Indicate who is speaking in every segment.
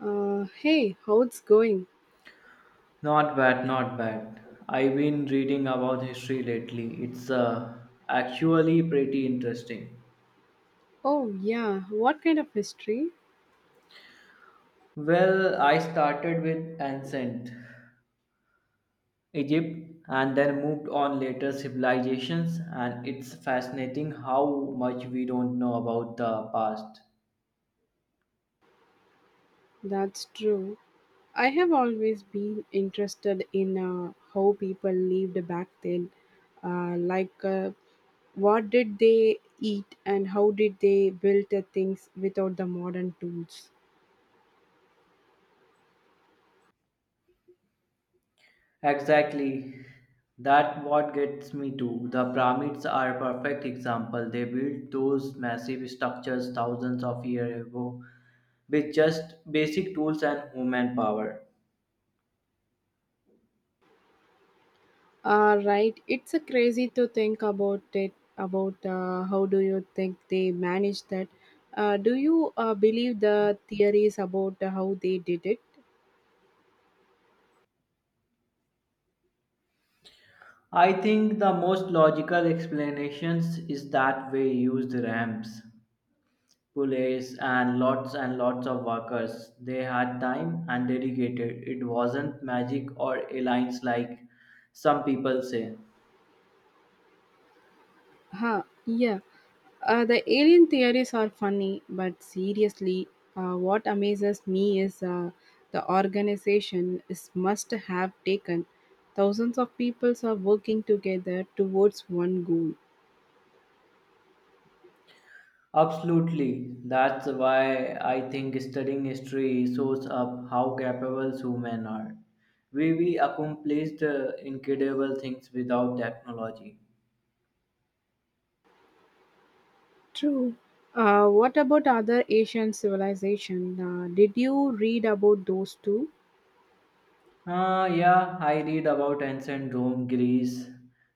Speaker 1: Hey, how it's going?
Speaker 2: Not bad, not bad. I've been reading about history lately. It's actually pretty interesting.
Speaker 1: Oh, yeah, what kind of history?
Speaker 2: Well, I started with ancient Egypt and then moved on later civilizations, and it's fascinating how much we don't know about the past.
Speaker 1: That's true. I have always been interested in how people lived back then. Uh, like, uh, what did they eat and how did they build the things without the modern tools?
Speaker 2: Exactly. That what gets me too. The pyramids are a perfect example. They built those massive structures thousands of years ago with just basic tools and human power.
Speaker 1: Right, it's a crazy to think about it. About how do you think they managed that? Do you believe the theories about how they did it?
Speaker 2: I think the most logical explanations is that we used ramps, pulleys and lots of workers. They had time and dedicated. It wasn't magic or alliance like some people say.
Speaker 1: Huh, yeah. The alien theories are funny, but seriously, what amazes me is the organization is must have taken. Thousands of peoples are working together towards one goal.
Speaker 2: Absolutely. That's why I think studying history shows up how capable humans are. We accomplished incredible things without technology.
Speaker 1: True. What about other Asian civilization? Did you read about those too?
Speaker 2: Yeah, I read about ancient Rome, Greece.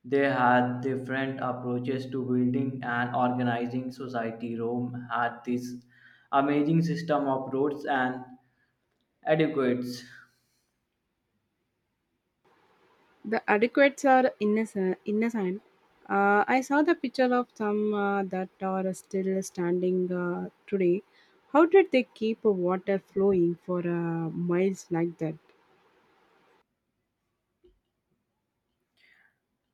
Speaker 2: They had different approaches to building and organizing society. Rome had this amazing system of roads and aqueducts.
Speaker 1: The adequates are innocent. Innocent. I saw the picture of some that are still standing today. How did they keep water flowing for miles like that?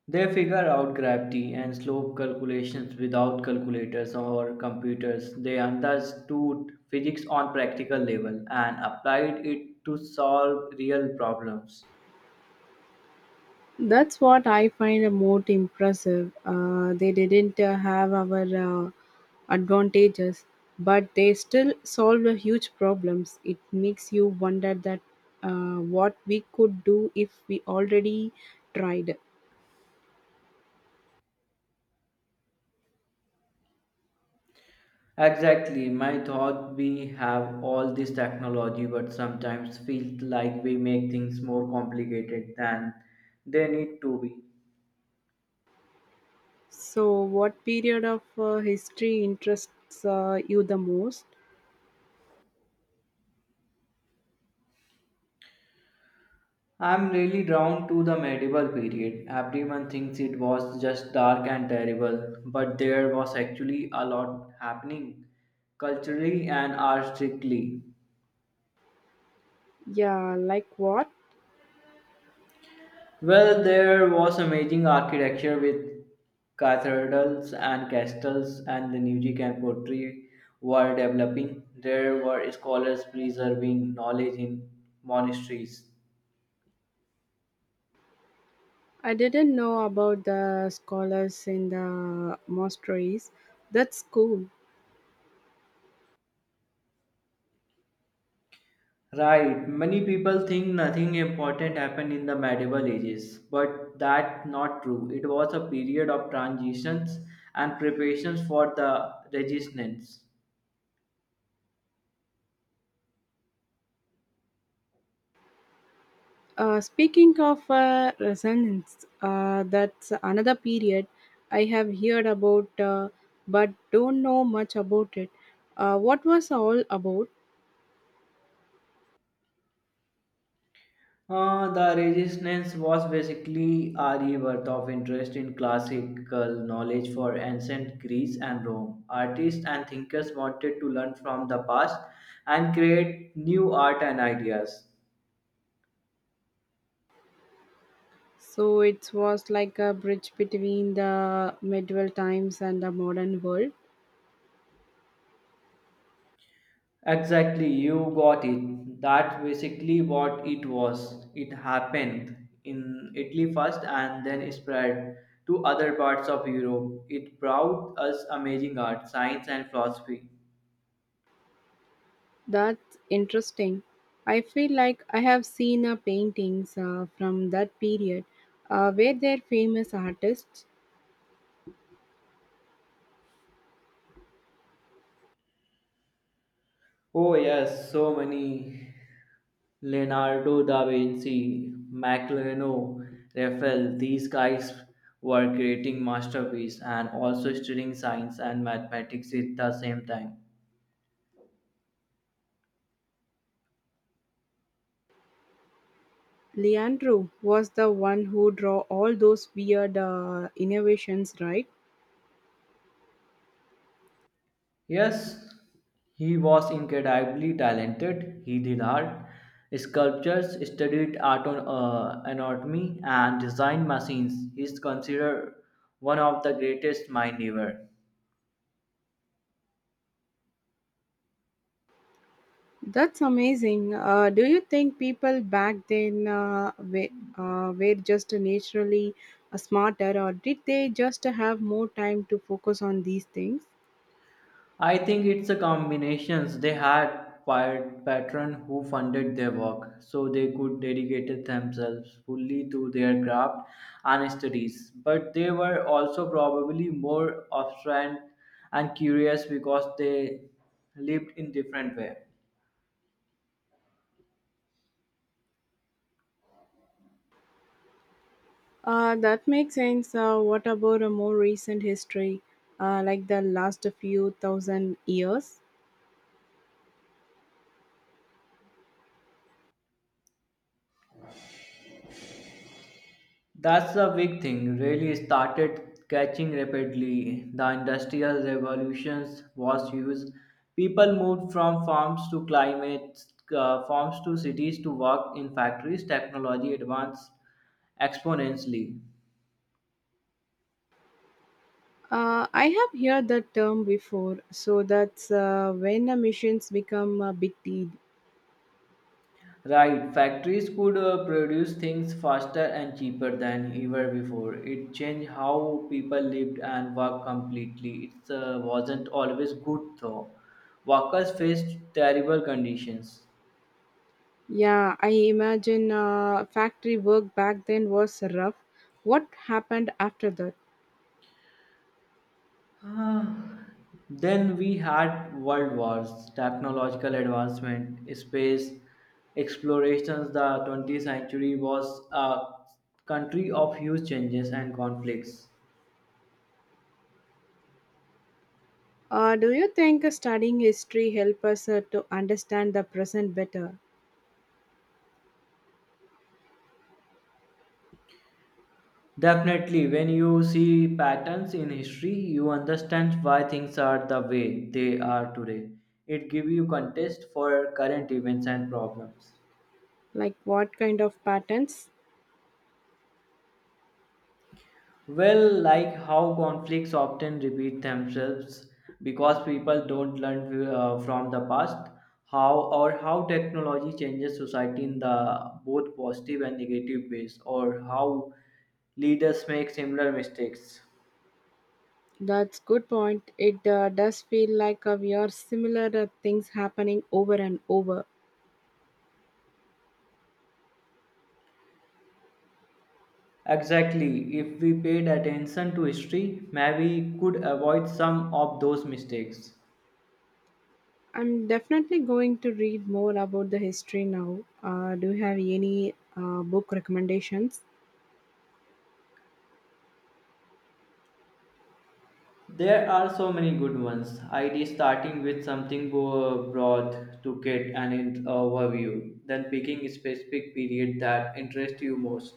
Speaker 2: They figure out gravity and slope calculations without calculators or computers. They understood physics on practical level and applied it to solve real problems.
Speaker 1: That's what I find the most impressive. They didn't have our advantages, but they still solved the huge problems. It makes you wonder that what we could do if we already tried.
Speaker 2: Exactly, my thought we have all this technology but sometimes feel like we make things more complicated than they need to be.
Speaker 1: So, what period of history interests you the most?
Speaker 2: I'm really drawn to the medieval period. Everyone thinks it was just dark and terrible, but there was actually a lot happening culturally and artistically.
Speaker 1: Yeah, like what?
Speaker 2: Well, there was amazing architecture with cathedrals and castles, and the music and poetry were developing. There were scholars preserving knowledge in monasteries.
Speaker 1: I didn't know about the scholars in the monasteries. That's cool.
Speaker 2: Right, many people think nothing important happened in the medieval ages, but that's not true. It was a period of transitions and preparations for the resistance.
Speaker 1: Speaking of resonance, that's another period I have heard about, but don't know much about it. What was all about?
Speaker 2: The resistance was basically a rebirth of interest in classical knowledge for ancient Greece and Rome. Artists and thinkers wanted to learn from the past and create new art and ideas.
Speaker 1: So it was like a bridge between the medieval times and the modern world.
Speaker 2: Exactly, you got it. That basically what it was. It happened in Italy first and then it spread to other parts of Europe. It brought us amazing art, science, and philosophy.
Speaker 1: That's interesting. I feel like I have seen paintings from that period. Were there famous artists?
Speaker 2: Oh, yes, so many. Leonardo da Vinci, Michelangelo, Raphael, these guys were creating masterpieces and also studying science and mathematics at the same time.
Speaker 1: Leandro was the one who draw all those weird innovations, right?
Speaker 2: Yes, he was incredibly talented. He did art, sculptures, studied art on, anatomy, and designed machines. He is considered one of the greatest minds ever.
Speaker 1: That's amazing. Do you think people back then were just naturally smarter, or did they just have more time to focus on these things?
Speaker 2: I think it's a combinations. They had patron who funded their work, so they could dedicate themselves fully to their craft and studies. But they were also probably more obstinate and curious because they lived in different way.
Speaker 1: That makes sense. What about a more recent history, like the last few thousand years?
Speaker 2: That's the big thing, really started catching rapidly. The industrial revolutions was huge. People moved from farms to climate, Farms to cities to work in factories. Technology advanced exponentially.
Speaker 1: I have heard that term before, so that's when the missions become a big deal.
Speaker 2: Right, factories could produce things faster and cheaper than ever before. It changed how people lived and worked completely. It wasn't always good though. Workers faced terrible conditions.
Speaker 1: Yeah, I imagine factory work back then was rough. What happened after that?
Speaker 2: Ah, then we had world wars, technological advancement, space explorations. The 20th century was a country of huge changes and conflicts.
Speaker 1: Do you think studying history help us to understand the present better?
Speaker 2: Definitely, when you see patterns in history, you understand why things are the way they are today. It gives you context for current events and problems.
Speaker 1: Like what kind of patterns?
Speaker 2: Well, like how conflicts often repeat themselves because people don't learn from the past, how or how technology changes society in the both positive and negative ways, or how leaders make similar mistakes.
Speaker 1: That's good point. It does feel like we are similar things happening over and over.
Speaker 2: Exactly, if we paid attention to history, maybe we could avoid some of those mistakes.
Speaker 1: I'm definitely going to read more about the history now. Do you have any book recommendations?
Speaker 2: There are so many good ones. ID starting with something broad to get an overview, then picking a specific period that interests you most.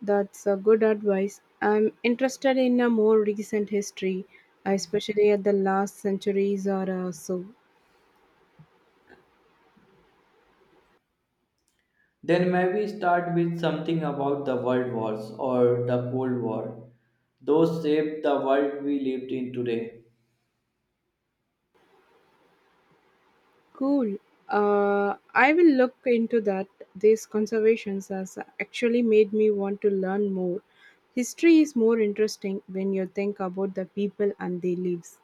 Speaker 1: That's good advice. I'm interested in a more recent history, especially at the last centuries or so.
Speaker 2: Then maybe start with something about the world wars or the Cold War. Those shaped the world we lived in today.
Speaker 1: Cool. I will look into that. These conservations has actually made me want to learn more. History is more interesting when you think about the people and their lives.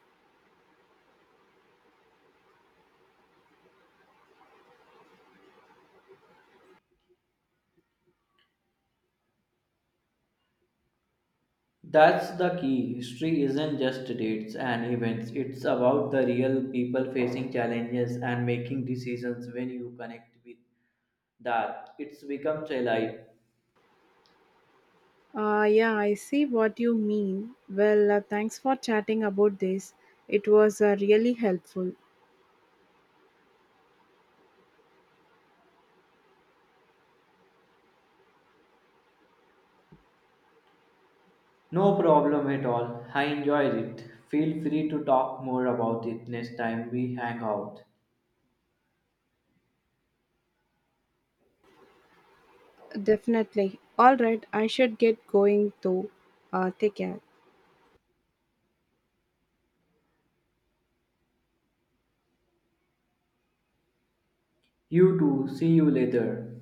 Speaker 2: That's the key. History isn't just dates and events, it's about the real people facing challenges and making decisions when you connect with that it becomes alive.
Speaker 1: Yeah, I see what you mean. Well, thanks for chatting about this. It was really helpful.
Speaker 2: No problem at all. I enjoyed it. Feel free to talk more about it next time we hang out.
Speaker 1: Definitely. All right, I should get going though. Take care.
Speaker 2: You too. See you later.